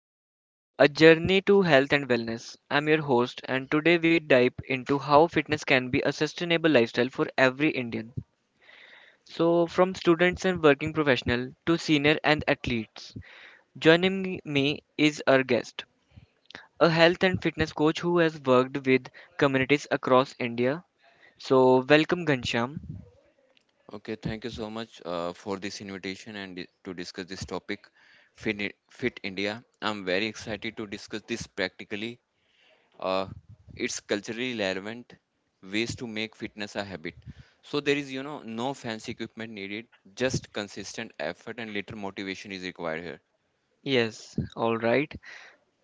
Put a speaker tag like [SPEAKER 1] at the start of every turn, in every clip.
[SPEAKER 1] India, a journey to health and wellness. I'm your host, and today we dive into how fitness can be a sustainable lifestyle for every Indian. So, from students and working professional to senior and athletes, joining me is our guest, a health and fitness coach who has worked with communities across India. So, welcome Gansham.
[SPEAKER 2] Okay, thank you so much for this invitation and to discuss this topic, Fit India. I'm very excited to discuss this practically. Uh, it's culturally relevant ways to make fitness a habit. So there is, you know, no fancy equipment needed, just consistent effort and little motivation is required here.
[SPEAKER 1] Yes, all right.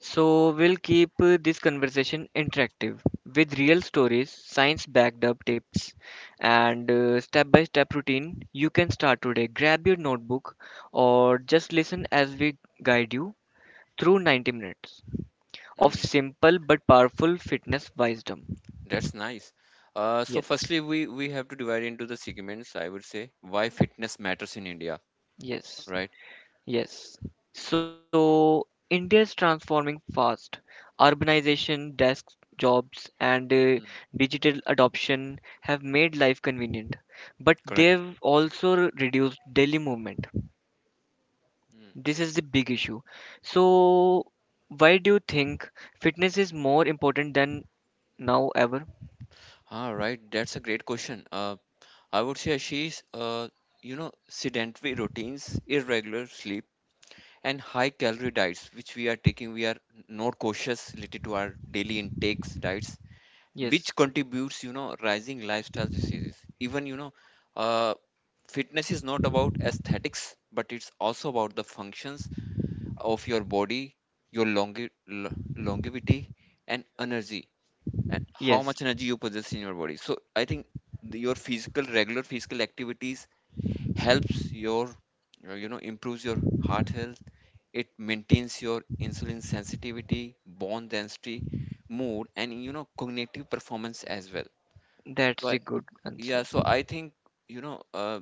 [SPEAKER 1] So, we'll keep this conversation interactive with real stories, science backed up tips, and step by step routine you can start today. Grab your notebook or just listen as we guide you through 90 minutes of
[SPEAKER 2] Mm,
[SPEAKER 1] simple but powerful fitness wisdom.
[SPEAKER 2] that's nice. So
[SPEAKER 1] Yes.
[SPEAKER 2] firstly, we have to divide into the segments. I would say why fitness matters in India, right?
[SPEAKER 1] Yes. Yes. So India is transforming fast. Urbanization, desk jobs, and
[SPEAKER 2] Mm,
[SPEAKER 1] digital adoption have made life convenient, but
[SPEAKER 2] correct.
[SPEAKER 1] they've also reduced daily movement.
[SPEAKER 2] Mm.
[SPEAKER 1] This is the big issue. So, why do you think fitness is more important than now ever?
[SPEAKER 2] All right, that's a great question. I would say she's, you know, sedentary routines, irregular sleep, and high calorie diets, which we are taking. We are not cautious related to our daily intakes diets,
[SPEAKER 1] Yes,
[SPEAKER 2] which contributes, you know, rising lifestyle diseases. Even, you know, uh, fitness is not about aesthetics, but it's also about the functions of your body, your longevity, and energy, and how
[SPEAKER 1] yes,
[SPEAKER 2] much energy you possess in your body. So I think your physical, regular physical activities helps your you know improves your heart health, it maintains your insulin sensitivity, bone density, mood, and you know cognitive performance as well.
[SPEAKER 1] that's
[SPEAKER 2] so I,
[SPEAKER 1] the good answer.
[SPEAKER 2] yeah so i think you know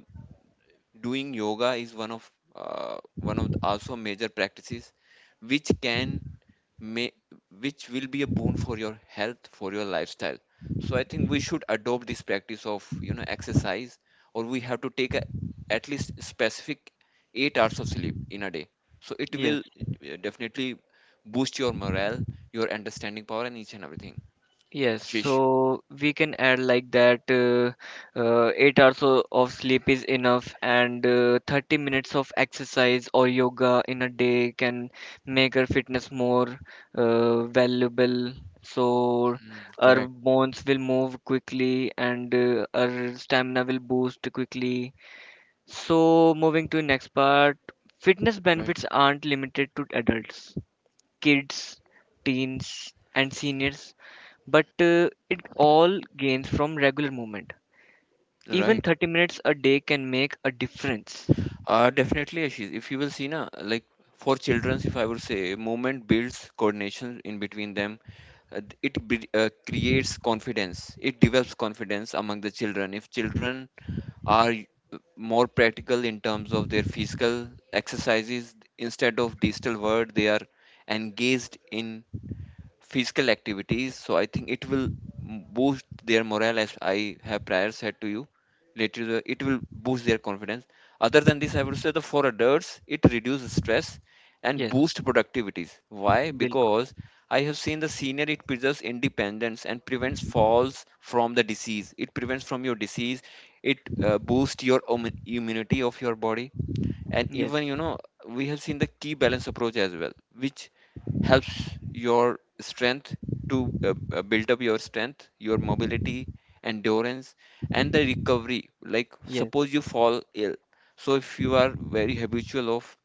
[SPEAKER 2] doing yoga is one of the also major practices which may, which will be a boon for your health, for your lifestyle. So I think we should adopt this practice of you know exercise, or we have to at least specific 8 hours of sleep in a day. So it
[SPEAKER 1] Yes.
[SPEAKER 2] will definitely boost your morale, your understanding power, and each and everything.
[SPEAKER 1] Yes,
[SPEAKER 2] Ashish,
[SPEAKER 1] so we can add like that 8 hours of sleep is enough, and 30 minutes of exercise or yoga in a day can make our fitness more valuable. So
[SPEAKER 2] mm,
[SPEAKER 1] our
[SPEAKER 2] correct.
[SPEAKER 1] bones will move quickly and our stamina will boost quickly. So, moving to next part, fitness
[SPEAKER 2] Right.
[SPEAKER 1] benefits aren't limited to adults, kids, teens, and seniors, but it all gains from regular movement. Even
[SPEAKER 2] Right?
[SPEAKER 1] 30 minutes a day can make a difference.
[SPEAKER 2] Definitely, Ashish. If you will see na, like for childrens, if I would say, movement builds coordination in between them, creates confidence, it develops confidence among the children. If children are more practical in terms of their physical exercises instead of digital world, they are engaged in physical activities. So I think it will boost their morale, as I have prior said to you. Later, it will boost their confidence. Other than this, I would say the for adults, it reduces stress and
[SPEAKER 1] Yes,
[SPEAKER 2] boosts productivities. Why?
[SPEAKER 1] bilkul.
[SPEAKER 2] Because I have seen the senior, it preserves independence and prevents falls from the disease. It prevents from your disease. It boosts your immunity of your body, and
[SPEAKER 1] Yes,
[SPEAKER 2] even you know we have seen the key balance approach as well, which helps your strength to build up your strength, your mobility, endurance, and the recovery. Like
[SPEAKER 1] yes,
[SPEAKER 2] suppose you fall ill, so if you are very habitual of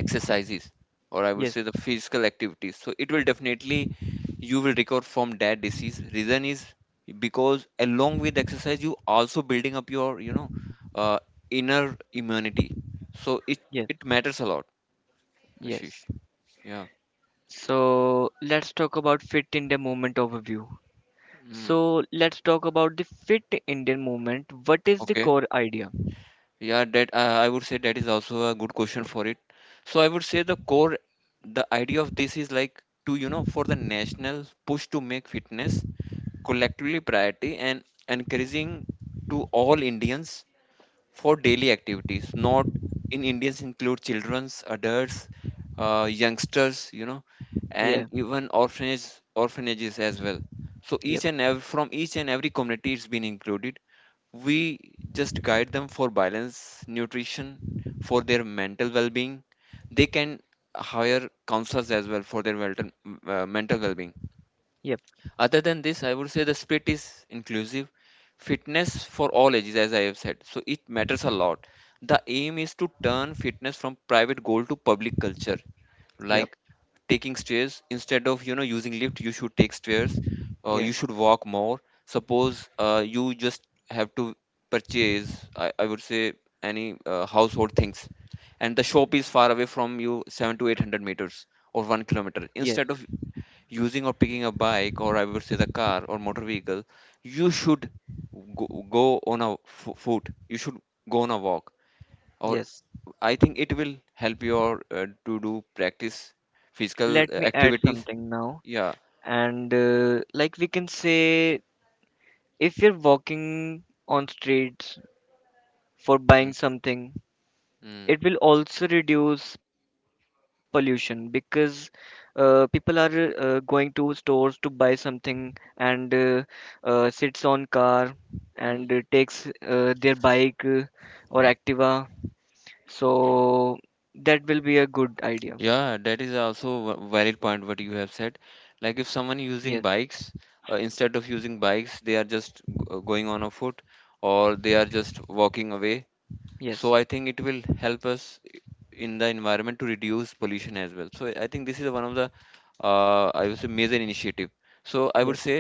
[SPEAKER 2] exercises or I would
[SPEAKER 1] yes,
[SPEAKER 2] say the physical activities, so it will definitely, you will recover from that disease. Reason is because along with exercise you also building up your you know uh, inner immunity, so it
[SPEAKER 1] yes,
[SPEAKER 2] it matters a lot,
[SPEAKER 1] yes.
[SPEAKER 2] Ashish. Yeah.
[SPEAKER 1] So let's talk about Fit India Movement overview.
[SPEAKER 2] Mm.
[SPEAKER 1] So let's talk about the Fit Indian Movement. What is the
[SPEAKER 2] Okay.
[SPEAKER 1] core idea?
[SPEAKER 2] Yeah, that I would say that is also a good question for it. So I would say the core, the idea of this is like to you know for the national push to make fitness collectively priority and encouraging to all Indians for daily activities. Not in Indians include childrens, adults, youngsters, you know,
[SPEAKER 1] Yeah,
[SPEAKER 2] and even orphanages as well. So
[SPEAKER 1] yep,
[SPEAKER 2] each and every, from each and every community it's been included. We just guide them for balance, nutrition, for their mental well-being. They can hire counselors as well for their mental well-being.
[SPEAKER 1] yep,
[SPEAKER 2] Other than this, I would say the split is inclusive. Fitness for all ages, as I have said. So it matters a lot. The aim is to turn fitness from private goal to public culture,
[SPEAKER 1] yep,
[SPEAKER 2] like taking stairs. Instead of you know using lift, you should take stairs or you
[SPEAKER 1] yes,
[SPEAKER 2] should walk more. Suppose you just have to purchase, I would say, any household things, and the shop is far away from you 7 to 800 meters or 1 kilometer.
[SPEAKER 1] yes,
[SPEAKER 2] Instead of using or picking a bike or I would say the car or motor vehicle, you should go on a foot. You should go on a walk. Or
[SPEAKER 1] yes.
[SPEAKER 2] I think it will help your to do practice physical
[SPEAKER 1] Let me add
[SPEAKER 2] activities.
[SPEAKER 1] something now.
[SPEAKER 2] Yeah.
[SPEAKER 1] And like we can say, if you're walking on streets for buying
[SPEAKER 2] Mm,
[SPEAKER 1] something.
[SPEAKER 2] mm,
[SPEAKER 1] It will also reduce pollution because people are going to stores to buy something and sits on car and
[SPEAKER 2] mm.
[SPEAKER 1] takes their bike or Activa. So that will be a good idea.
[SPEAKER 2] Yeah, that is also a valid point what you have said. Like if someone using
[SPEAKER 1] Yes,
[SPEAKER 2] bikes, instead of using bikes, they are just going on a foot or they are just walking away. So
[SPEAKER 1] yes,
[SPEAKER 2] I think it will help us in the environment to reduce pollution as well. So I think this is one of the I would say major initiative. So I would
[SPEAKER 1] yes,
[SPEAKER 2] say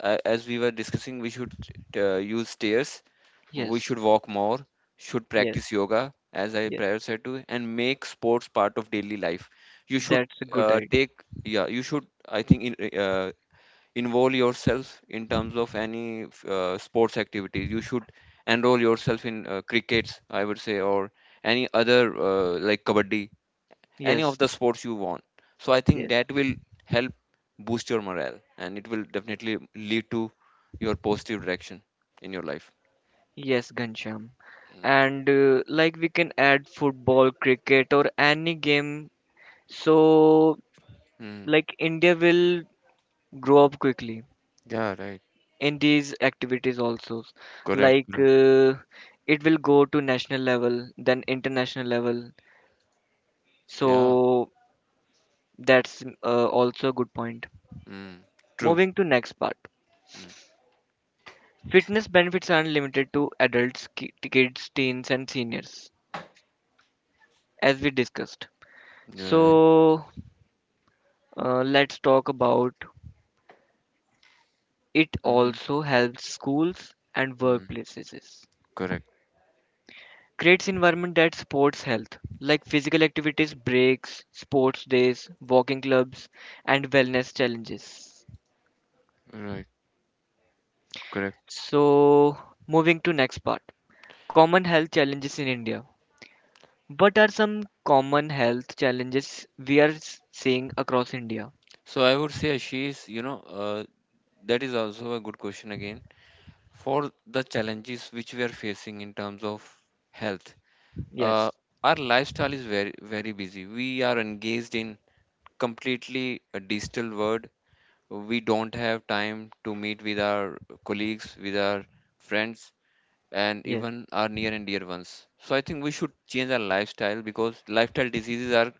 [SPEAKER 2] as we were discussing, we should use stairs, we
[SPEAKER 1] yes,
[SPEAKER 2] should walk more, should
[SPEAKER 1] yes,
[SPEAKER 2] practice yoga as I
[SPEAKER 1] yes.
[SPEAKER 2] prior said to, and make sports part of daily life. You should
[SPEAKER 1] That's a good idea.
[SPEAKER 2] take yeah you should I think in, involve yourself in terms of any sports activities. You should enroll yourself in crickets, I would say, or any other like kabaddi, any of
[SPEAKER 1] Yes,
[SPEAKER 2] the sports you want. So I think
[SPEAKER 1] yes,
[SPEAKER 2] that will help boost your morale, and it will definitely lead to your positive direction in your life.
[SPEAKER 1] yes, Gansham,
[SPEAKER 2] Mm.
[SPEAKER 1] and like we can add football cricket or any game. So,
[SPEAKER 2] Mm.
[SPEAKER 1] like India will grow up quickly
[SPEAKER 2] Yeah, right.
[SPEAKER 1] in these activities also.
[SPEAKER 2] Correct.
[SPEAKER 1] Like
[SPEAKER 2] Correct.
[SPEAKER 1] it will go to national level, then international level.
[SPEAKER 2] Yeah.
[SPEAKER 1] So that's also a good point.
[SPEAKER 2] Mm. True.
[SPEAKER 1] Moving to next part.
[SPEAKER 2] Mm.
[SPEAKER 1] Fitness benefits aren't limited to adults, kids, teens, and seniors, as we discussed.
[SPEAKER 2] Yeah, right.
[SPEAKER 1] So let's talk about it
[SPEAKER 2] Hmm.
[SPEAKER 1] also helps schools and
[SPEAKER 2] Mm.
[SPEAKER 1] workplaces.
[SPEAKER 2] Correct.
[SPEAKER 1] Creates environment that supports health, like physical activities breaks, sports days, walking clubs, and wellness challenges.
[SPEAKER 2] Right. Correct.
[SPEAKER 1] So moving to next part, common health challenges in India. What are some common health challenges we are seeing across India?
[SPEAKER 2] So I would say she is, you know, that is also a good question again. For the challenges which we are facing in terms of health,
[SPEAKER 1] Yes,
[SPEAKER 2] uh, our lifestyle is very, very busy. We are engaged in completely a digital world. We don't have time to meet with our colleagues, with our friends, and
[SPEAKER 1] yes,
[SPEAKER 2] even our near and dear ones. So I think we should change our lifestyle because lifestyle diseases are,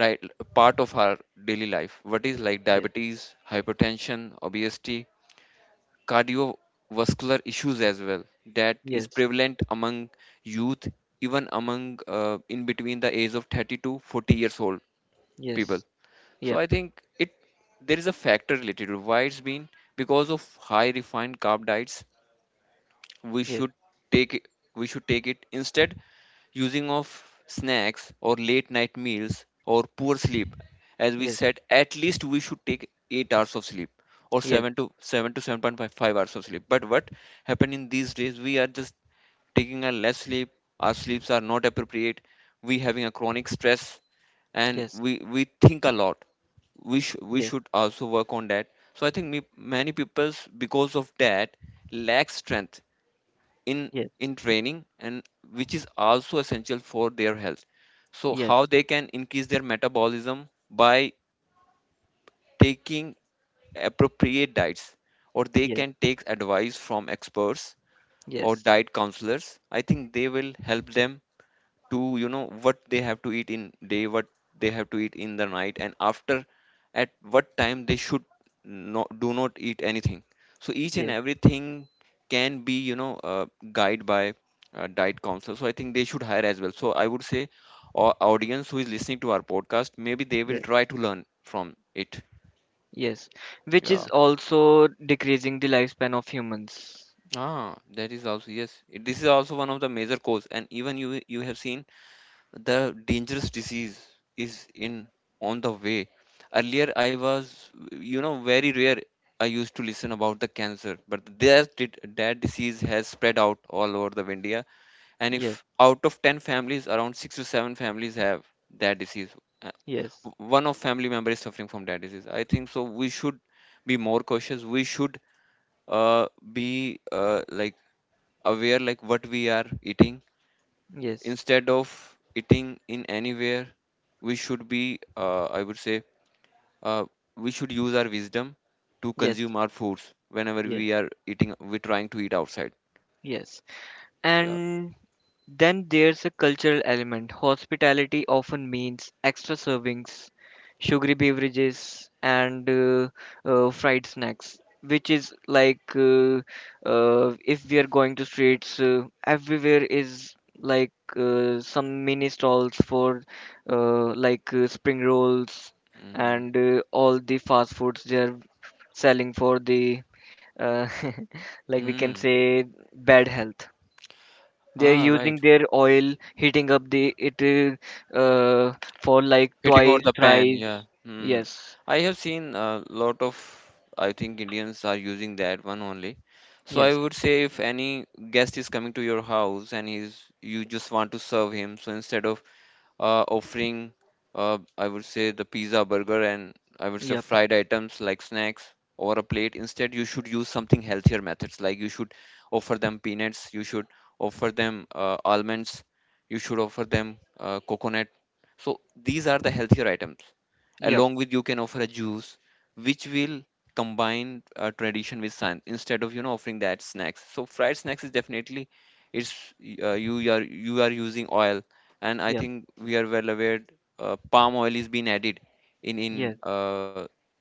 [SPEAKER 2] right, part of our daily life. What is like
[SPEAKER 1] yes,
[SPEAKER 2] diabetes, hypertension, obesity, cardiovascular issues as well, that is
[SPEAKER 1] yes,
[SPEAKER 2] prevalent among youth, even among in between the age of 30 to 40 years old people.
[SPEAKER 1] yes,
[SPEAKER 2] So
[SPEAKER 1] yep,
[SPEAKER 2] I think it, there is a factor related to why it's been, because of high refined carb diets. We
[SPEAKER 1] yes,
[SPEAKER 2] should take it, we should take it instead using of snacks or late night meals or poor sleep. As we said, at least we should take 8 hours of sleep or 7 to 7.5 hours of sleep. But what happened in these days, we are just taking a less sleep, our sleeps are not appropriate, we having a chronic stress, and
[SPEAKER 1] yes,
[SPEAKER 2] we think a lot. We we
[SPEAKER 1] yes,
[SPEAKER 2] should also work on that. So I think many people's because of that lack strength in
[SPEAKER 1] yes, yes,
[SPEAKER 2] in training, and which is also essential for their health. So
[SPEAKER 1] yes,
[SPEAKER 2] how they can increase their metabolism by taking appropriate diets, or they
[SPEAKER 1] yes,
[SPEAKER 2] can take advice from experts or
[SPEAKER 1] yes, yes,
[SPEAKER 2] diet counselors. I think they will help them to you know what they have to eat in day, what they have to eat in the night, and after at what time they should not, do not eat anything. So each and
[SPEAKER 1] yes,
[SPEAKER 2] everything can be you know guided by diet counsel. So I think they should hire as well. So I would say our audience who is listening to our podcast, maybe they will
[SPEAKER 1] yes,
[SPEAKER 2] try to learn from it.
[SPEAKER 1] yes, which is
[SPEAKER 2] Yeah.
[SPEAKER 1] also decreasing the lifespan of humans.
[SPEAKER 2] Ah, that is also, yes. This is also one of the major cause. And even you, you have seen the dangerous disease is in, on the way. Earlier I was, you know, very rare I used to listen about the cancer, but that disease has spread out all over the India. And if
[SPEAKER 1] Yes,
[SPEAKER 2] out of 10 families around 6 to 7 families have that disease. Uh,
[SPEAKER 1] yes,
[SPEAKER 2] One of family member is suffering from that disease. I think so we should be more cautious. We should uh, be like aware like what we are eating,
[SPEAKER 1] yes,
[SPEAKER 2] instead of eating in anywhere. We should be I would say uh, we should use our wisdom to
[SPEAKER 1] yes,
[SPEAKER 2] consume our foods whenever
[SPEAKER 1] yes,
[SPEAKER 2] we are eating, we're trying to eat outside.
[SPEAKER 1] yes.
[SPEAKER 2] Yeah.
[SPEAKER 1] And then there's a cultural element. Hospitality often means extra servings, sugary beverages, and fried snacks, which is like if we are going to streets, everywhere is like some mini stalls for like spring rolls
[SPEAKER 2] Hmm.
[SPEAKER 1] and all the fast foods they are selling for the uh, like we can
[SPEAKER 2] Mm.
[SPEAKER 1] say bad health. They're
[SPEAKER 2] Ah, right.
[SPEAKER 1] using their oil, heating up the it for like
[SPEAKER 2] Hitting over
[SPEAKER 1] twice
[SPEAKER 2] the pan.
[SPEAKER 1] thrice.
[SPEAKER 2] Yeah. Mm.
[SPEAKER 1] Yes,
[SPEAKER 2] I have seen a lot of, I think Indians are using that one only. So I
[SPEAKER 1] yes,
[SPEAKER 2] would say if any guest is coming to your house and he's, you just want to serve him, so instead of offering, I would say the pizza, burger, and I would say
[SPEAKER 1] yep,
[SPEAKER 2] fried items like snacks or a plate. Instead, you should use something healthier methods, like you should offer them peanuts, you should offer them almonds, you should offer them coconut. So these are the healthier items.
[SPEAKER 1] yep,
[SPEAKER 2] Along with, you can offer a juice, which will combine tradition with science instead of you know offering that snacks. So fried snacks is definitely it's you are using oil, and I
[SPEAKER 1] yep,
[SPEAKER 2] think we are well aware palm oil is being added in in
[SPEAKER 1] yes,
[SPEAKER 2] uh,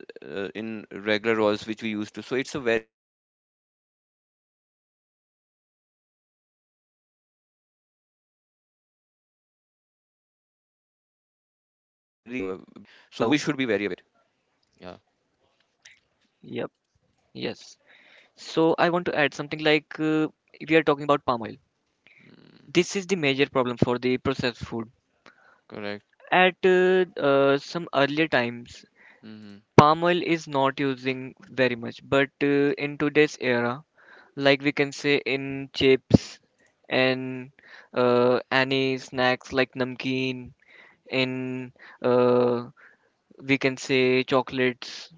[SPEAKER 2] in regular oils which we used to. So it's a very huge impact to our heart health along with our uh, behaviors as well. So I think
[SPEAKER 1] hello,
[SPEAKER 2] it's a total impact of our body. So we should be very aware with it.
[SPEAKER 1] yep,
[SPEAKER 2] Yeah.
[SPEAKER 1] yes. So I want to add something like we are talking about palm oil. This is the major
[SPEAKER 2] Mm,
[SPEAKER 1] problem for the processed food
[SPEAKER 2] correct.
[SPEAKER 1] at some earlier times.
[SPEAKER 2] Mm-hmm.
[SPEAKER 1] Palm oil is not using very much, but in today's era, like we can say in chips and any snacks like namkeen, in uh, we can say chocolates,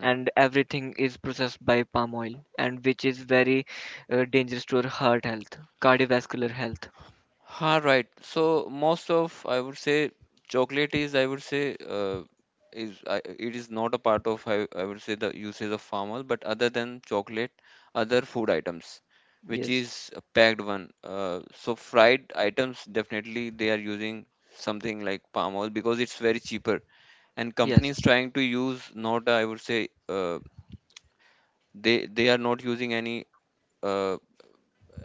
[SPEAKER 1] and everything is processed by palm oil, and which is very dangerous to our heart health, cardiovascular health.
[SPEAKER 2] Ha, right. So most of, I would say, chocolate is, I would say it is not a part of, I would say, the usage of palm oil. But other than chocolate, other food items, which
[SPEAKER 1] Yes,
[SPEAKER 2] is a packed one. So fried items, definitely they are using something like palm oil because it's very cheaper. And
[SPEAKER 1] yes,
[SPEAKER 2] companies trying to use, not, I would say they are not using any Uh,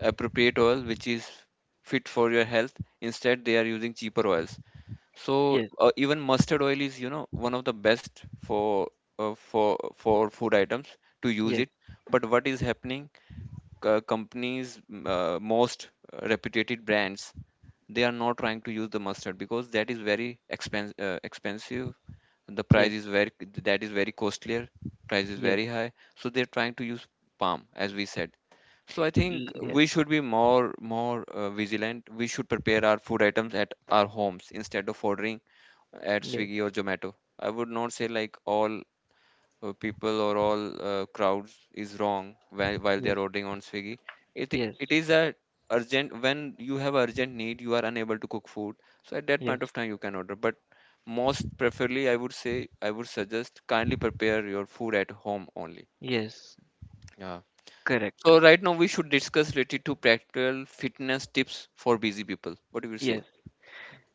[SPEAKER 2] appropriate oil which is fit for your health. Instead they are using cheaper oils. So
[SPEAKER 1] yes,
[SPEAKER 2] even mustard oil is, you know, one of the best for for food items to use
[SPEAKER 1] yes,
[SPEAKER 2] it. But what is happening, companies, most reputed brands, they are not trying to use the mustard because that is very expensive, the price
[SPEAKER 1] yes,
[SPEAKER 2] is very, that is very costlier, price is
[SPEAKER 1] yes,
[SPEAKER 2] very high, so they're trying to use palm, as we said. So I think we
[SPEAKER 1] yes,
[SPEAKER 2] should be more vigilant. We should prepare our food items at our homes instead of ordering at
[SPEAKER 1] yes,
[SPEAKER 2] Swiggy or Zomato. I would not say like all people or all crowds is wrong while, they are
[SPEAKER 1] yes,
[SPEAKER 2] ordering on Swiggy. It i-
[SPEAKER 1] yes,
[SPEAKER 2] it is a, urgent, when you have urgent need, you are unable to cook food. So at that
[SPEAKER 1] yes,
[SPEAKER 2] point of time you can order. But most preferably, I would say, I would suggest kindly prepare your food at home only.
[SPEAKER 1] yes,
[SPEAKER 2] Yeah.
[SPEAKER 1] correct,
[SPEAKER 2] So right now we should discuss related to practical fitness tips for busy people. What do you say?
[SPEAKER 1] yes.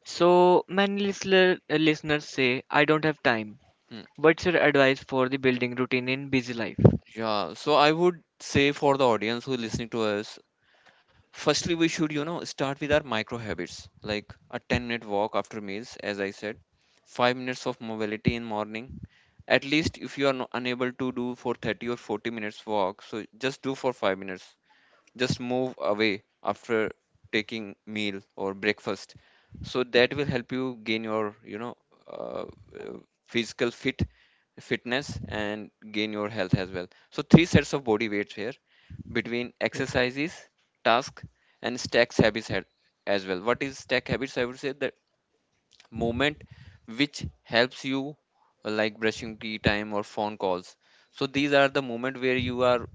[SPEAKER 1] So many listener, listeners say I don't have time.
[SPEAKER 2] Hmm.
[SPEAKER 1] What's your advice for the building routine in busy life?
[SPEAKER 2] Yeah. So I would say, for the audience who is listening to us, firstly we should, you know, start with our micro habits, like a 10-minute walk after meals, as I said, 5 minutes of mobility in morning. At least if you are unable to do for 30 or 40 minutes walk, so just do for 5 minutes, just move away after taking meal or breakfast, so that will help you gain your, you know, uh, uh, physical fitness and gain your health as well. So three sets of body weights here between
[SPEAKER 1] Yes,
[SPEAKER 2] exercises, task, and stacks habits, as well. What is stack habits? I would say that movement which helps you, like brushing, tea time, or phone calls. So these are the moment where you are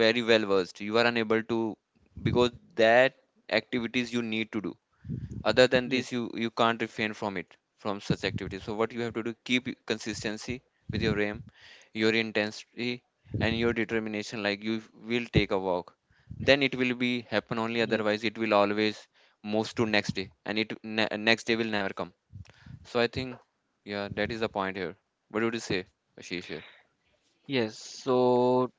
[SPEAKER 2] very well versed, you are unable to, because that activities you need to do, other than
[SPEAKER 1] yes,
[SPEAKER 2] this you can't refrain from it, from such activities. So what you have to do, keep consistency with your aim, your intensity, and your determination. Like you will take a walk, then it will be happen only,
[SPEAKER 1] yes.
[SPEAKER 2] otherwise it will always moves to next day, and it next day will never come. So I think, yeah, that is the point here. What would you say, Ashish here?
[SPEAKER 1] Yes, so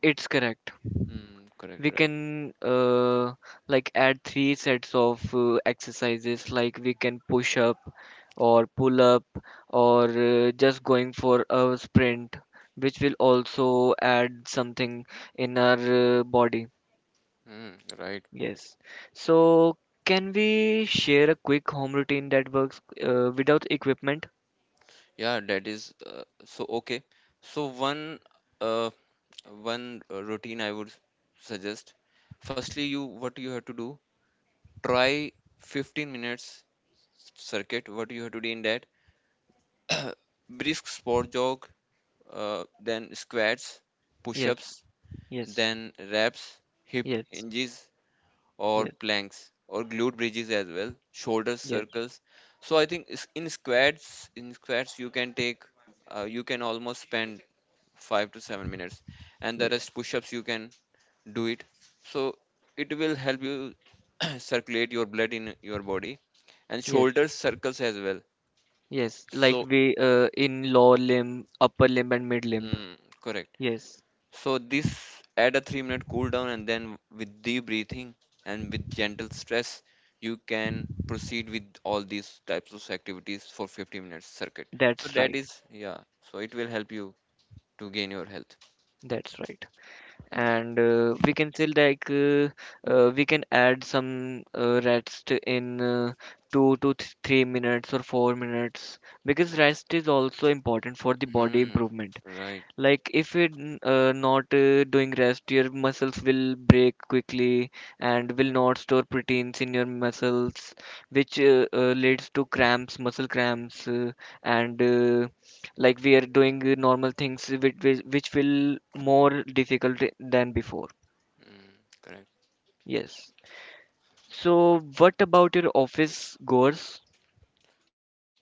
[SPEAKER 1] it's correct.
[SPEAKER 2] Mm, correct,
[SPEAKER 1] We
[SPEAKER 2] right.
[SPEAKER 1] can like add three sets of exercises, like we can push up or pull up or just going for a sprint, which will also add something in our body.
[SPEAKER 2] Mm, right.
[SPEAKER 1] Yes. So can we share a quick home routine that works without equipment?
[SPEAKER 2] Yeah, that is so okay. So uh one routine I would suggest. Firstly, you what you have to do, try 15 minutes circuit. What you have to do in that brisk sport jog, then squats,
[SPEAKER 1] Yes,
[SPEAKER 2] push-ups,
[SPEAKER 1] yes,
[SPEAKER 2] then reps, hip
[SPEAKER 1] yes.
[SPEAKER 2] hinges, or
[SPEAKER 1] Yes,
[SPEAKER 2] planks or glute bridges, as well shoulder
[SPEAKER 1] yes,
[SPEAKER 2] circles. So I think in squats you can take, you can almost spend 5 to 7 minutes, and the
[SPEAKER 1] yes,
[SPEAKER 2] rest push-ups you can do it. So it will help you circulate your blood in your body, and
[SPEAKER 1] yes,
[SPEAKER 2] shoulder circles as well.
[SPEAKER 1] yes. Like
[SPEAKER 2] So
[SPEAKER 1] we in lower limb, upper limb, and mid limb.
[SPEAKER 2] mm, correct.
[SPEAKER 1] Yes,
[SPEAKER 2] So this add a 3 minute cool down, and then with deep breathing and with gentle stress, you can proceed with all these types of activities for 50 minutes circuit. So
[SPEAKER 1] that's
[SPEAKER 2] that
[SPEAKER 1] right.
[SPEAKER 2] is, yeah. So it will help you to gain your health.
[SPEAKER 1] That's right. And we can still like we can add some rest in two to th 3 minutes or 4 minutes because rest is also important for the body
[SPEAKER 2] Mm,
[SPEAKER 1] improvement.
[SPEAKER 2] right.
[SPEAKER 1] Like if you're not doing rest, your muscles will break quickly and will not store proteins in your muscles, which leads to cramps, muscle cramps, and like we are doing normal things which will more difficult than before.
[SPEAKER 2] Mm, correct.
[SPEAKER 1] Yes. So what about your office goers?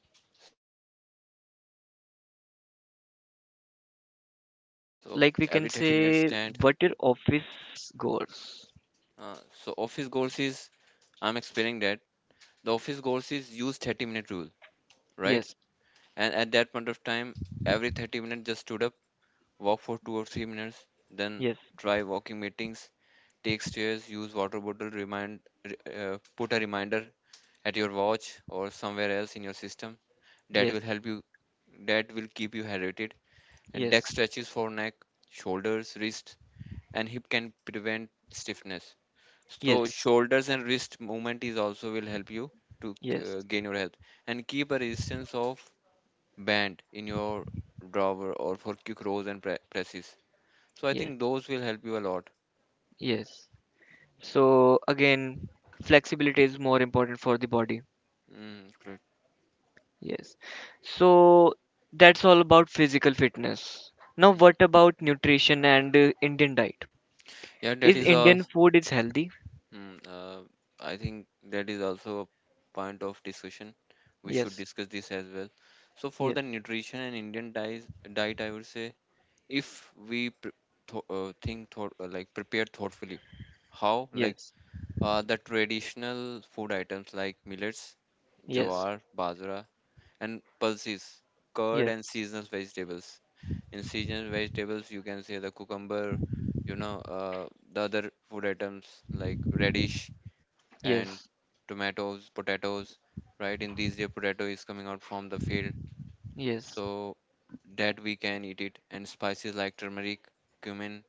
[SPEAKER 2] So office goals, I would say, use 30-minute rule there.
[SPEAKER 1] So
[SPEAKER 2] Right.
[SPEAKER 1] like we can
[SPEAKER 2] Every 30 minutes
[SPEAKER 1] say
[SPEAKER 2] stand.
[SPEAKER 1] what your office goers.
[SPEAKER 2] Uh, so office goals is, I'm explaining that, the office goals is use 30-minute rule. Right.
[SPEAKER 1] Yes.
[SPEAKER 2] And at that point of time, every 30 minutes just stood up, walk for 2 or 3 minutes, then
[SPEAKER 1] Yes.
[SPEAKER 2] try walking meetings, take stairs, use water bottle, remind, put a reminder at your watch or somewhere else in your system. That
[SPEAKER 1] Yes.
[SPEAKER 2] will help you, that will keep you hydrated. And deck
[SPEAKER 1] Yes.
[SPEAKER 2] stretches for neck, shoulders, wrists, and hip can prevent stiffness. So
[SPEAKER 1] Yes.
[SPEAKER 2] shoulders and wrist movement is also will help you to
[SPEAKER 1] Yes,
[SPEAKER 2] gain your health, and keep a resistance of band in your drawer or for quick rows and presses. So I
[SPEAKER 1] yes,
[SPEAKER 2] think those will help you a lot.
[SPEAKER 1] yes. So again, flexibility is more important for the body.
[SPEAKER 2] Mm, correct.
[SPEAKER 1] Yes. So that's all about physical fitness. Now,
[SPEAKER 2] Mm.
[SPEAKER 1] what about nutrition and Indian diet?
[SPEAKER 2] Yeah,
[SPEAKER 1] Is
[SPEAKER 2] that is a.
[SPEAKER 1] Indian food is healthy?
[SPEAKER 2] Mm, I think that is also a point of discussion. We should
[SPEAKER 1] Yes,
[SPEAKER 2] discuss this as well. So for
[SPEAKER 1] yes,
[SPEAKER 2] the nutrition and Indian diet, diet, I would say, if we pr- th- think thought like prepare thoughtfully, how like
[SPEAKER 1] yes,
[SPEAKER 2] the traditional food items like millets,
[SPEAKER 1] yes,
[SPEAKER 2] jawar, bajra, and pulses, curd and
[SPEAKER 1] yes,
[SPEAKER 2] seasonal vegetables. In seasonal vegetables, you can say the cucumber, you know, the other food items like radish,
[SPEAKER 1] yes,
[SPEAKER 2] and tomatoes, potatoes, right? In these days, potato is coming out from the field,
[SPEAKER 1] yes,
[SPEAKER 2] so that we can eat it. And spices like turmeric, cumin,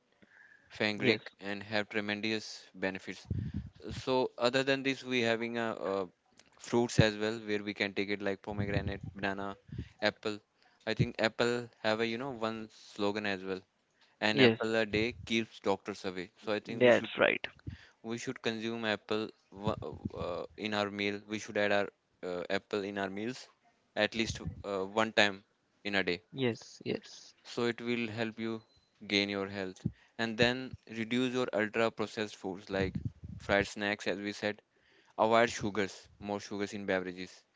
[SPEAKER 1] yes,
[SPEAKER 2] fenugreek, and have tremendous benefits. So other than this, we having a, fruits as well, where we can take it, like pomegranate, banana, apple. I think apple have, a you know, one slogan as well. An
[SPEAKER 1] yes.
[SPEAKER 2] apple a day keeps doctors away. So I think
[SPEAKER 1] That's right.
[SPEAKER 2] we should consume apple, in our meal. We should add our apple in our meals at least one time in a day.
[SPEAKER 1] Yes, yes,
[SPEAKER 2] So it will help you gain your health, and then reduce your ultra processed foods like fried snacks, as we said. Avoid sugars, more sugars in beverages.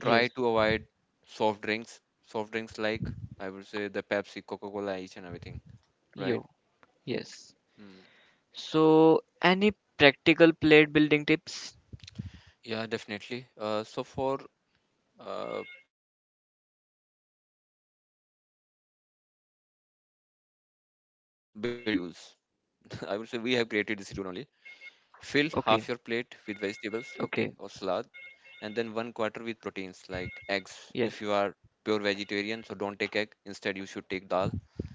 [SPEAKER 1] yes,
[SPEAKER 2] Try to avoid soft drinks like, I would say, the Pepsi, Coca-Cola, each and everything, right?
[SPEAKER 1] yo, yes.
[SPEAKER 2] Hmm.
[SPEAKER 1] So, any practical plate building tips?
[SPEAKER 2] Yeah, definitely. So for uh, building plates, I would say there is half plate veggie rules. I would say we have created this rule only.
[SPEAKER 1] Okay,
[SPEAKER 2] Fill half your plate with
[SPEAKER 1] okay.
[SPEAKER 2] vegetables, okay, or salad, and then one quarter
[SPEAKER 1] Yes,
[SPEAKER 2] with proteins like eggs. If you are pure vegetarian, so don't take egg. Instead, you should take dal.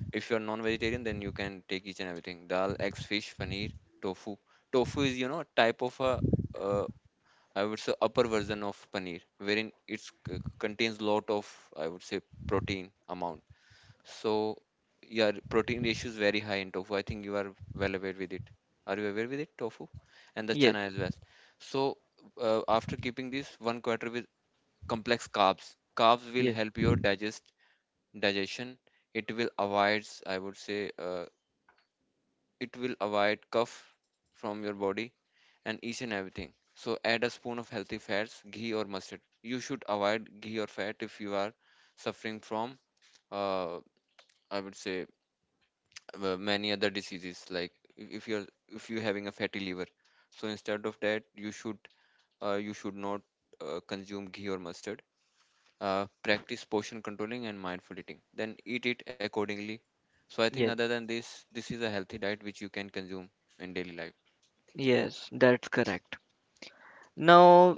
[SPEAKER 2] If you're non-vegetarian, then you can take each and everything. Dal, eggs, fish, paneer, tofu. Tofu is, you know, a type of a, uh, I would say, upper version of paneer, wherein it contains lot of, I would say, protein amount. So, yeah, protein ratio is very high in tofu. I think you are well aware with it. Are you aware with it, tofu? And the
[SPEAKER 1] yes,
[SPEAKER 2] chana as well. So, after keeping this one quarter with complex carbs, carbs will
[SPEAKER 1] yes,
[SPEAKER 2] help your digestion. It will avoid, I would say, it will avoid cough from your body and each and everything. So add a spoon of healthy fats, ghee or mustard. You should avoid ghee or fat if you are suffering from uh, I would say many other diseases, like if you're having a fatty liver. So instead of that, you should not consume ghee or mustard. Practice portion controlling and mindful eating. Then eat it accordingly. So I think other
[SPEAKER 1] yes,
[SPEAKER 2] than this, this is a healthy diet which you can consume in daily life.
[SPEAKER 1] yes, that's correct. Now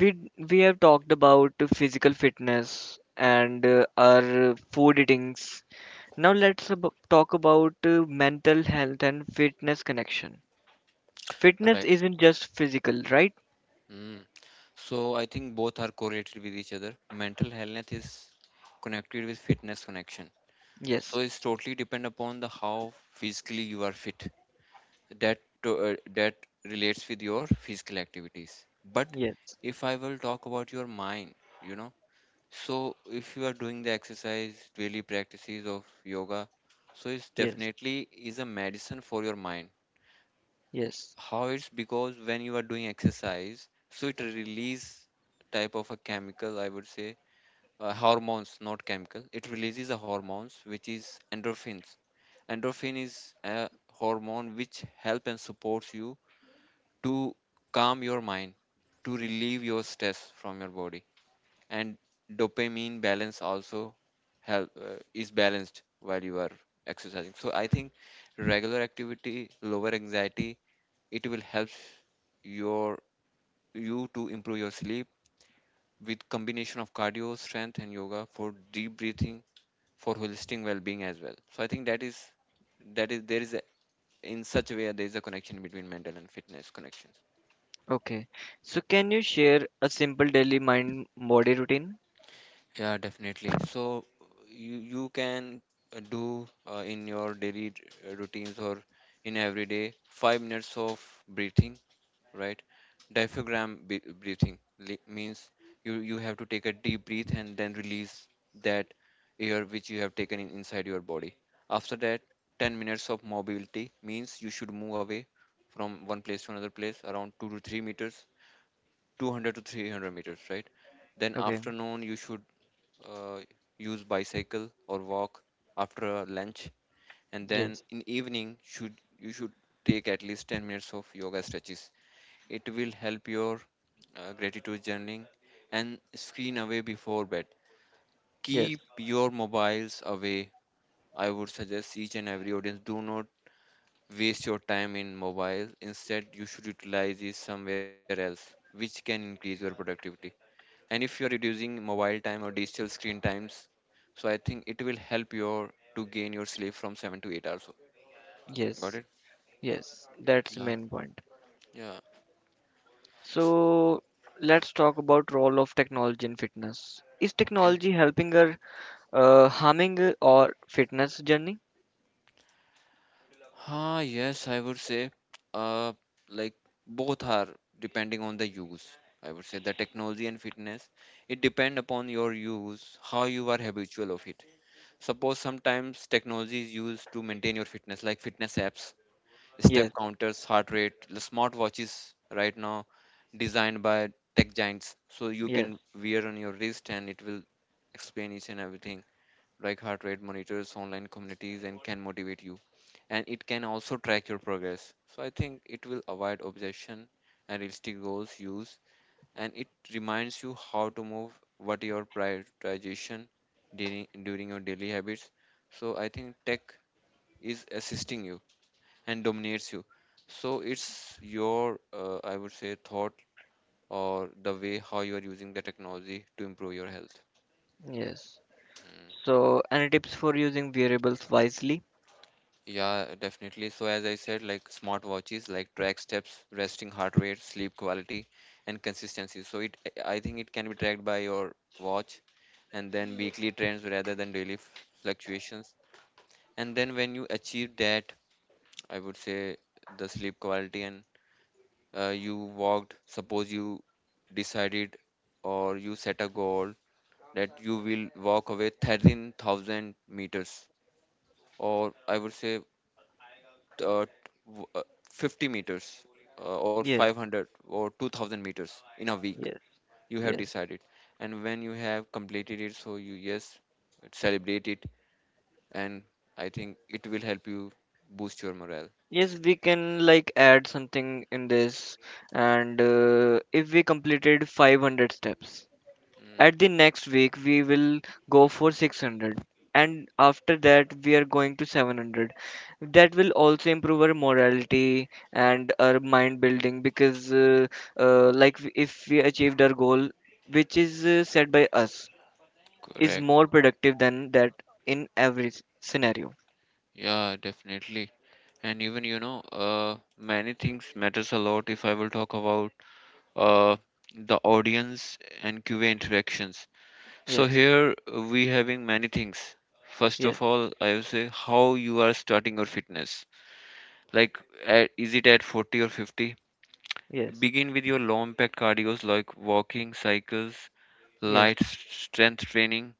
[SPEAKER 1] we we have talked about the physical fitness and our food eatings. Now let's talk about mental health and fitness connection. Fitness
[SPEAKER 2] Right.
[SPEAKER 1] isn't just physical, right?
[SPEAKER 2] Mm. So I think both are correlated with each other. Mental health is connected with fitness connection.
[SPEAKER 1] Yes,
[SPEAKER 2] So it's totally depend upon the how physically you are fit. That that relates with your physical activities. But
[SPEAKER 1] yes,
[SPEAKER 2] if I will talk about your mind, you know, so if you are doing the exercise, daily practices of yoga, so it's
[SPEAKER 1] yes,
[SPEAKER 2] definitely is a medicine for your mind.
[SPEAKER 1] yes.
[SPEAKER 2] How it's, because when you are doing exercise, so it release type of a chemical, I would say, hormones, not chemical. It releases a hormones which is endorphins. Endorphin is a hormone which help and supports you to calm your mind, to relieve your stress from your body, and dopamine balance also help, is balanced while you are exercising. So I think regular activity lower anxiety, it will help your, you to improve your sleep, with combination of cardio strength and yoga for deep breathing, for holistic well-being as well. So I think that is, that is, there is a, in such a way there is a connection between mental and fitness connections.
[SPEAKER 1] Okay. So can you share a simple daily mind body routine?
[SPEAKER 2] Yeah, definitely. So you can do in your daily routines or in every day 5 minutes of breathing, right? Breathing means you have to take a deep breath and then release that air which you have taken in, inside your body. After that, 10 minutes of mobility means you should move away from one place to another place around 2 to 3 meters, 200 to 300 meters, right? Then
[SPEAKER 1] Okay.
[SPEAKER 2] afternoon you should uh, use bicycle or walk after lunch, and then
[SPEAKER 1] Yes,
[SPEAKER 2] in evening should you should take at least 10 minutes of yoga stretches. It will help your gratitude journaling, and screen away before bed,
[SPEAKER 1] yes,
[SPEAKER 2] keep your mobiles away. I would suggest each and every audience, do not waste your time in mobile, instead you should utilize it somewhere else which can increase your productivity. And if you're reducing mobile time or digital screen times, so I think it will help your to gain your sleep from 7 to 8 hours. Got
[SPEAKER 1] yes,
[SPEAKER 2] it.
[SPEAKER 1] yes. That's the
[SPEAKER 2] Yeah,
[SPEAKER 1] main point.
[SPEAKER 2] yeah.
[SPEAKER 1] So let's talk about role of technology in fitness. Is
[SPEAKER 2] Okay.
[SPEAKER 1] technology helping or harming our fitness journey?
[SPEAKER 2] Yes, I would say, uh like both are depending on the use. I would say the technology and fitness, it depend upon your use, how you are habitual of it. Suppose sometimes technology is used to maintain your fitness, like fitness apps, step
[SPEAKER 1] Yes,
[SPEAKER 2] counters, heart rate, the smart watches right now designed by tech giants. So you
[SPEAKER 1] yes,
[SPEAKER 2] can wear on your wrist and it will explain each and everything, like heart rate monitors, online communities, and can motivate you. And it can also track your progress. So I think it will avoid obsession and realistic goals use, and it reminds you how to move, what your prioritization during your daily habits. So I think tech is assisting you and dominates you, so it's your I would say thought, or the way how you are using the technology to improve your health.
[SPEAKER 1] yes.
[SPEAKER 2] Mm.
[SPEAKER 1] So any tips for using variables wisely?
[SPEAKER 2] Yeah, definitely. So as I said, like smartwatches, like track steps, resting heart rate, sleep quality and consistency. So it, I think it can be tracked by your watch, and then weekly trends rather than daily fluctuations. And then when you achieve that, I would say the sleep quality and you walked. Suppose you decided or you set a goal that you will walk away 13,000 meters, or I would say uh, w- uh, 50 meters, or
[SPEAKER 1] Yes,
[SPEAKER 2] 500 or 2,000 meters in a week.
[SPEAKER 1] yes,
[SPEAKER 2] You have
[SPEAKER 1] yes.
[SPEAKER 2] decided, and when you have completed it, so you, yes, celebrate it, and I think it will help you boost your morale.
[SPEAKER 1] Yes, we can like add something in this, and if we completed 500 steps,
[SPEAKER 2] Mm.
[SPEAKER 1] at the next week, we will go for 600, and after that, we are going to 700. That will also improve our morality and our mind building because, like, if we achieved our goal, which is set by us, is
[SPEAKER 2] Correct.
[SPEAKER 1] more productive than that in every scenario.
[SPEAKER 2] Yeah, definitely. And even you know, many things matters a lot. If I will talk about uh, the audience and QA interactions. So
[SPEAKER 1] Yes,
[SPEAKER 2] here we having many things. First
[SPEAKER 1] yes,
[SPEAKER 2] of all, I would say how you are starting your fitness. Like, at, is it at 40 or 50?
[SPEAKER 1] yes,
[SPEAKER 2] Begin with your low impact cardios like walking, cycles,
[SPEAKER 1] yes,
[SPEAKER 2] light strength training,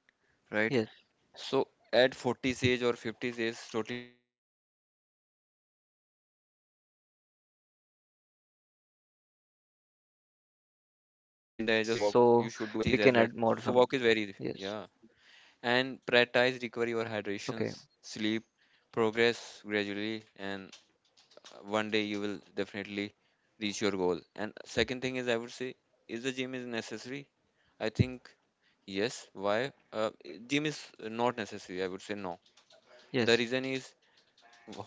[SPEAKER 2] right?
[SPEAKER 1] yes,
[SPEAKER 2] So at 40s age or 50s age totally depends upon your body weight or resistance bands. So according you should walk,
[SPEAKER 1] yes.
[SPEAKER 2] you should do
[SPEAKER 1] So
[SPEAKER 2] exercise.
[SPEAKER 1] we
[SPEAKER 2] At
[SPEAKER 1] can
[SPEAKER 2] least you
[SPEAKER 1] add
[SPEAKER 2] can
[SPEAKER 1] more
[SPEAKER 2] walk if
[SPEAKER 1] some.
[SPEAKER 2] you are in the
[SPEAKER 1] Yes.
[SPEAKER 2] age of 60s as well. So walk is very easy. Yeah. And
[SPEAKER 1] Okay.
[SPEAKER 2] prioritize recovery or hydrations, sleep, progress gradually, and one day you will definitely reach your goal. And second thing is, I would say, is the gym is necessary? I think yes. Why? Gym is not necessary. I would say no. The
[SPEAKER 1] Yes.
[SPEAKER 2] reason is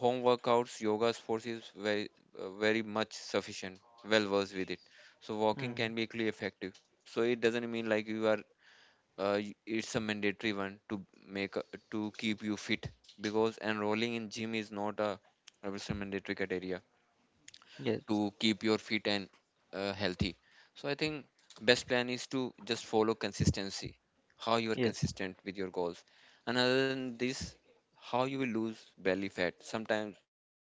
[SPEAKER 2] home workouts, yoga sports is very, very much sufficient, well versed with it. So walking
[SPEAKER 1] Mm.
[SPEAKER 2] can be equally effective. So it doesn't mean like you are, it's a mandatory one to make, a, to keep you fit, because enrolling in gym is not a, I would say, mandatory criteria
[SPEAKER 1] Yes.
[SPEAKER 2] to keep your fit and healthy. So I think best plan is to just follow consistency, how you are
[SPEAKER 1] Yes.
[SPEAKER 2] consistent with your goals. And other than this, how you will lose belly fat. Sometimes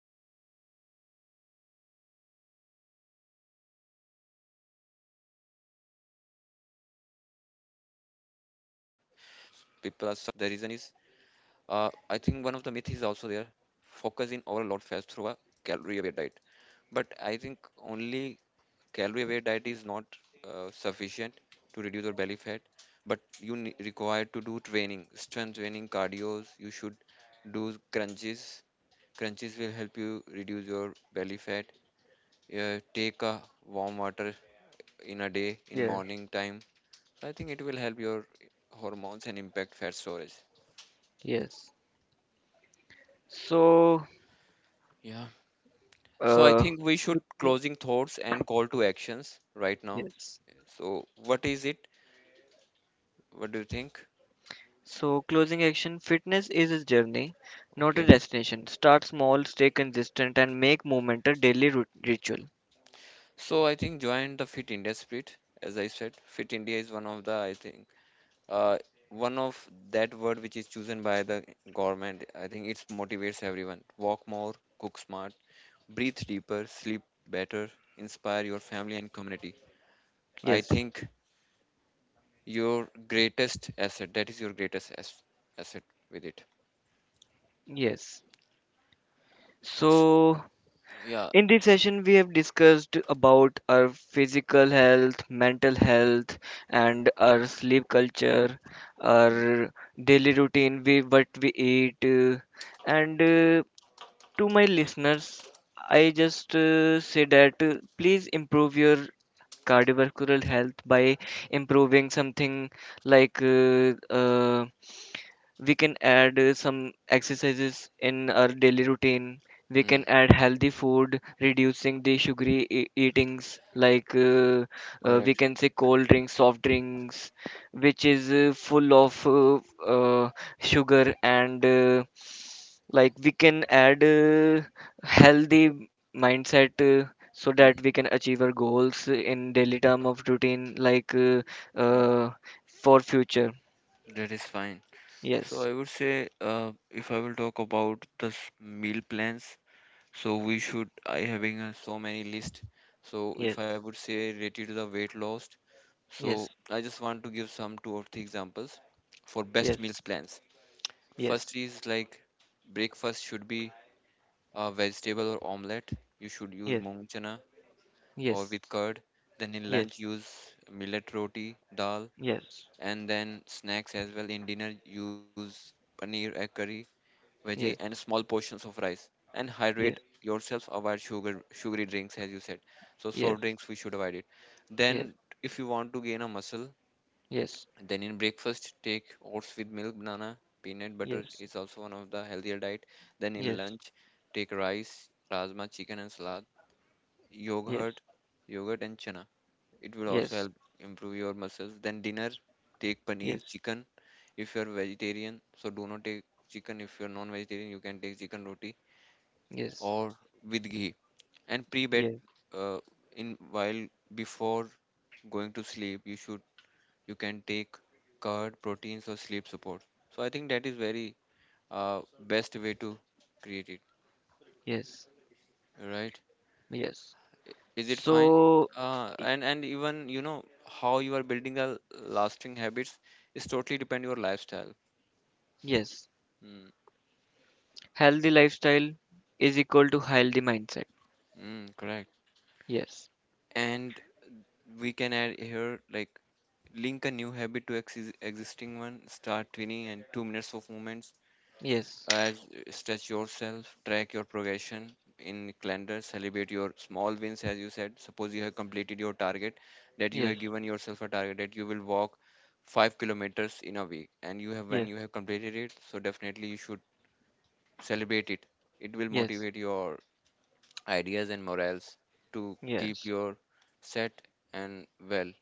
[SPEAKER 2] most of, I think, 60 to 70% issues I have seen, like people are suffering from fat
[SPEAKER 1] Yes.
[SPEAKER 2] bellies.
[SPEAKER 1] Yes.
[SPEAKER 2] The reason is, uh, I think one of the myth is also there, focus in overall load fast through a calorie aware diet. But I think only calorie aware diet is not sufficient to reduce your belly fat, but you require to do training, strength training, cardios. You should do crunches. Crunches will help you reduce your belly fat. Take a warm water in a day in
[SPEAKER 1] Yes,
[SPEAKER 2] morning time. So I think it will help your hormones and impact fat storage.
[SPEAKER 1] yes. So,
[SPEAKER 2] Yeah. So I
[SPEAKER 1] uh,
[SPEAKER 2] think we should
[SPEAKER 1] mm,
[SPEAKER 2] closing thoughts and call to actions right now.
[SPEAKER 1] yes.
[SPEAKER 2] So what is it, what do you think?
[SPEAKER 1] So, closing action fitness is a journey, not a
[SPEAKER 2] Okay,
[SPEAKER 1] destination. Start small, stay consistent, and make movement a daily ritual.
[SPEAKER 2] so I think join the Fit India spirit. As I said, Fit India is one of the, I think, uh, one of that word which is chosen by the government. I think it motivates everyone. Walk more, cook smart, breathe deeper, sleep better, inspire your family and community. I
[SPEAKER 1] Yes,
[SPEAKER 2] think your greatest asset, that is your asset with it.
[SPEAKER 1] yes.
[SPEAKER 2] S-
[SPEAKER 1] So,
[SPEAKER 2] Yeah.
[SPEAKER 1] in this session, we have discussed about our physical health, mental health, and our sleep culture,
[SPEAKER 2] Mm,
[SPEAKER 1] our daily routine, we, what we eat, and to my listeners I just say that please improve your cardiovascular health by improving something like uh, we can add some exercises in our daily routine. We
[SPEAKER 2] mm,
[SPEAKER 1] can add healthy food reducing the sugary eatings, like we
[SPEAKER 2] correct.
[SPEAKER 1] can say cold drinks, soft drinks, which is full of uh, sugar, and like we can add healthy mindset, so that
[SPEAKER 2] Mm,
[SPEAKER 1] we can achieve our goals in daily term of routine like
[SPEAKER 2] mm,
[SPEAKER 1] uh, for future.
[SPEAKER 2] that is fine. So
[SPEAKER 1] Yes,
[SPEAKER 2] I would say, if I will talk about the meal plans, so we should, I having so many list. So if
[SPEAKER 1] yes,
[SPEAKER 2] I would say related to the weight loss, so
[SPEAKER 1] yes,
[SPEAKER 2] I just want to give some two or three examples for best
[SPEAKER 1] yes,
[SPEAKER 2] meals plans.
[SPEAKER 1] yes,
[SPEAKER 2] First is like breakfast should be a vegetable or omelette. You should use
[SPEAKER 1] yes,
[SPEAKER 2] mung chana or
[SPEAKER 1] yes,
[SPEAKER 2] with curd. Then in
[SPEAKER 1] yes,
[SPEAKER 2] lunch use millet roti, dal,
[SPEAKER 1] yes,
[SPEAKER 2] and then snacks as well. In dinner use paneer, egg curry, veggie,
[SPEAKER 1] yes, yes,
[SPEAKER 2] and
[SPEAKER 1] yes, yes,
[SPEAKER 2] small portions of rice. And hydrate yourself. Avoid sugar, sugary drinks, as you said. So
[SPEAKER 1] yes,
[SPEAKER 2] soft
[SPEAKER 1] yes,
[SPEAKER 2] drinks we should avoid it.
[SPEAKER 1] yes, yes,
[SPEAKER 2] Then if you want to gain a muscle, then in breakfast, take oats with milk, banana, peanut butter
[SPEAKER 1] yes,
[SPEAKER 2] is also one of the healthier diet. Then in
[SPEAKER 1] yes,
[SPEAKER 2] lunch, take rice, rajma, chicken and salad, yogurt, and chana. It will also
[SPEAKER 1] yes,
[SPEAKER 2] help improve your muscles. Then dinner, take paneer, chicken. If you are vegetarian, so do not take chicken. If you are non-vegetarian, you can take chicken roti or with ghee. And pre-bed,
[SPEAKER 1] yes,
[SPEAKER 2] uh, in while before going to sleep, you should, you can take curd proteins or sleep support. So I think that is very uh, best way to create it,
[SPEAKER 1] yes.
[SPEAKER 2] right?
[SPEAKER 1] yes
[SPEAKER 2] Is it fine?
[SPEAKER 1] So,
[SPEAKER 2] uh,
[SPEAKER 1] y-
[SPEAKER 2] and and even you know, how you are building a lasting habits is totally depend your lifestyle.
[SPEAKER 1] yes,
[SPEAKER 2] Mm,
[SPEAKER 1] healthy lifestyle is equal to healthy mindset.
[SPEAKER 2] mm, correct.
[SPEAKER 1] Yes,
[SPEAKER 2] And we can add here, like, link a new habit to existing one, start 20 and 2 minutes of movements,
[SPEAKER 1] yes,
[SPEAKER 2] as stretch yourself, track your progression in calendar, celebrate your small wins, as you said. Suppose you have completed your target, that you
[SPEAKER 1] yes,
[SPEAKER 2] have given yourself a target that you will walk 5 kilometers in a week, and you have, when
[SPEAKER 1] yes,
[SPEAKER 2] you have completed it, so definitely you should celebrate it. It will
[SPEAKER 1] yes,
[SPEAKER 2] motivate your ideas and morals to keep
[SPEAKER 1] yes.
[SPEAKER 2] your set and well.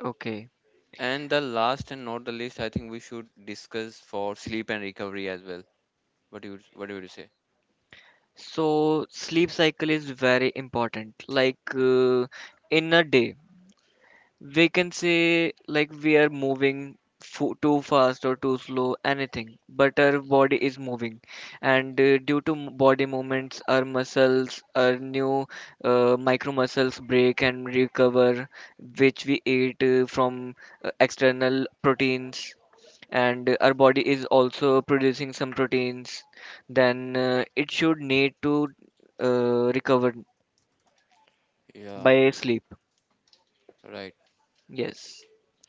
[SPEAKER 1] Okay.
[SPEAKER 2] And the last and not the least, I think we should discuss for sleep and recovery as well. What do you say?
[SPEAKER 1] So sleep cycle is very important. Like
[SPEAKER 2] Hmm.
[SPEAKER 1] in a day, we can say like we are moving fo too fast or too slow, anything, but our body is moving, and due to body movements, our muscles, our new micro muscles break and recover, which we eat from external proteins and our body is also producing some proteins, then it should need to recover
[SPEAKER 2] Yeah.
[SPEAKER 1] by sleep.
[SPEAKER 2] Right.
[SPEAKER 1] Yes.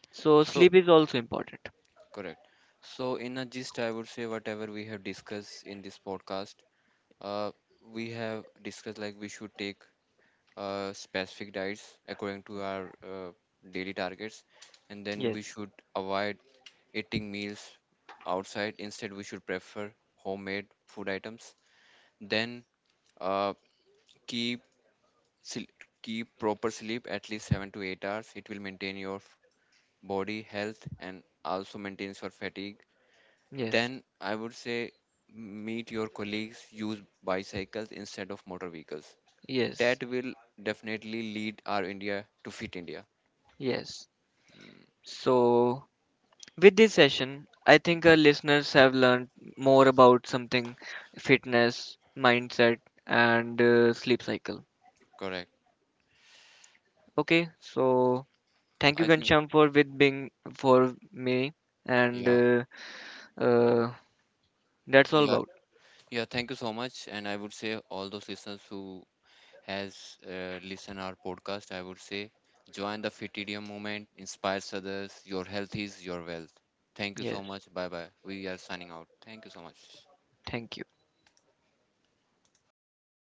[SPEAKER 1] So
[SPEAKER 2] So,
[SPEAKER 1] sleep is also important.
[SPEAKER 2] correct. So, in a gist, I would say whatever we have discussed in this podcast, uh, we have discussed like we should take specific diets according to our daily targets, and then we
[SPEAKER 1] Yes.
[SPEAKER 2] should avoid eating meals outside. Instead, we should prefer homemade food items. Then, uh, keep sil- keep proper sleep at least 7 to 8 hours. It will maintain your body health and also maintains your fatigue.
[SPEAKER 1] Yes.
[SPEAKER 2] Then I would say meet your colleagues, use bicycles instead of motor vehicles. That
[SPEAKER 1] Yes.
[SPEAKER 2] will definitely lead our India to Fit India.
[SPEAKER 1] Yes.
[SPEAKER 2] Mm,
[SPEAKER 1] So with this session, I think
[SPEAKER 2] yeah,
[SPEAKER 1] our listeners have learned more about something fitness, mindset, and sleep cycle.
[SPEAKER 2] correct.
[SPEAKER 1] Okay. So thank
[SPEAKER 2] I
[SPEAKER 1] you,
[SPEAKER 2] think
[SPEAKER 1] Gansham, for with being for me and.
[SPEAKER 2] yeah,
[SPEAKER 1] Uh, That's all
[SPEAKER 2] yeah,
[SPEAKER 1] about.
[SPEAKER 2] yeah. Thank you so much, and I would say all those listeners who has listened our podcast, I would say join the Fit India movement, inspires others. Your health is your wealth. Thank you so
[SPEAKER 1] Yes.
[SPEAKER 2] much. Bye bye. We are signing out. Thank you so much.
[SPEAKER 1] Thank you.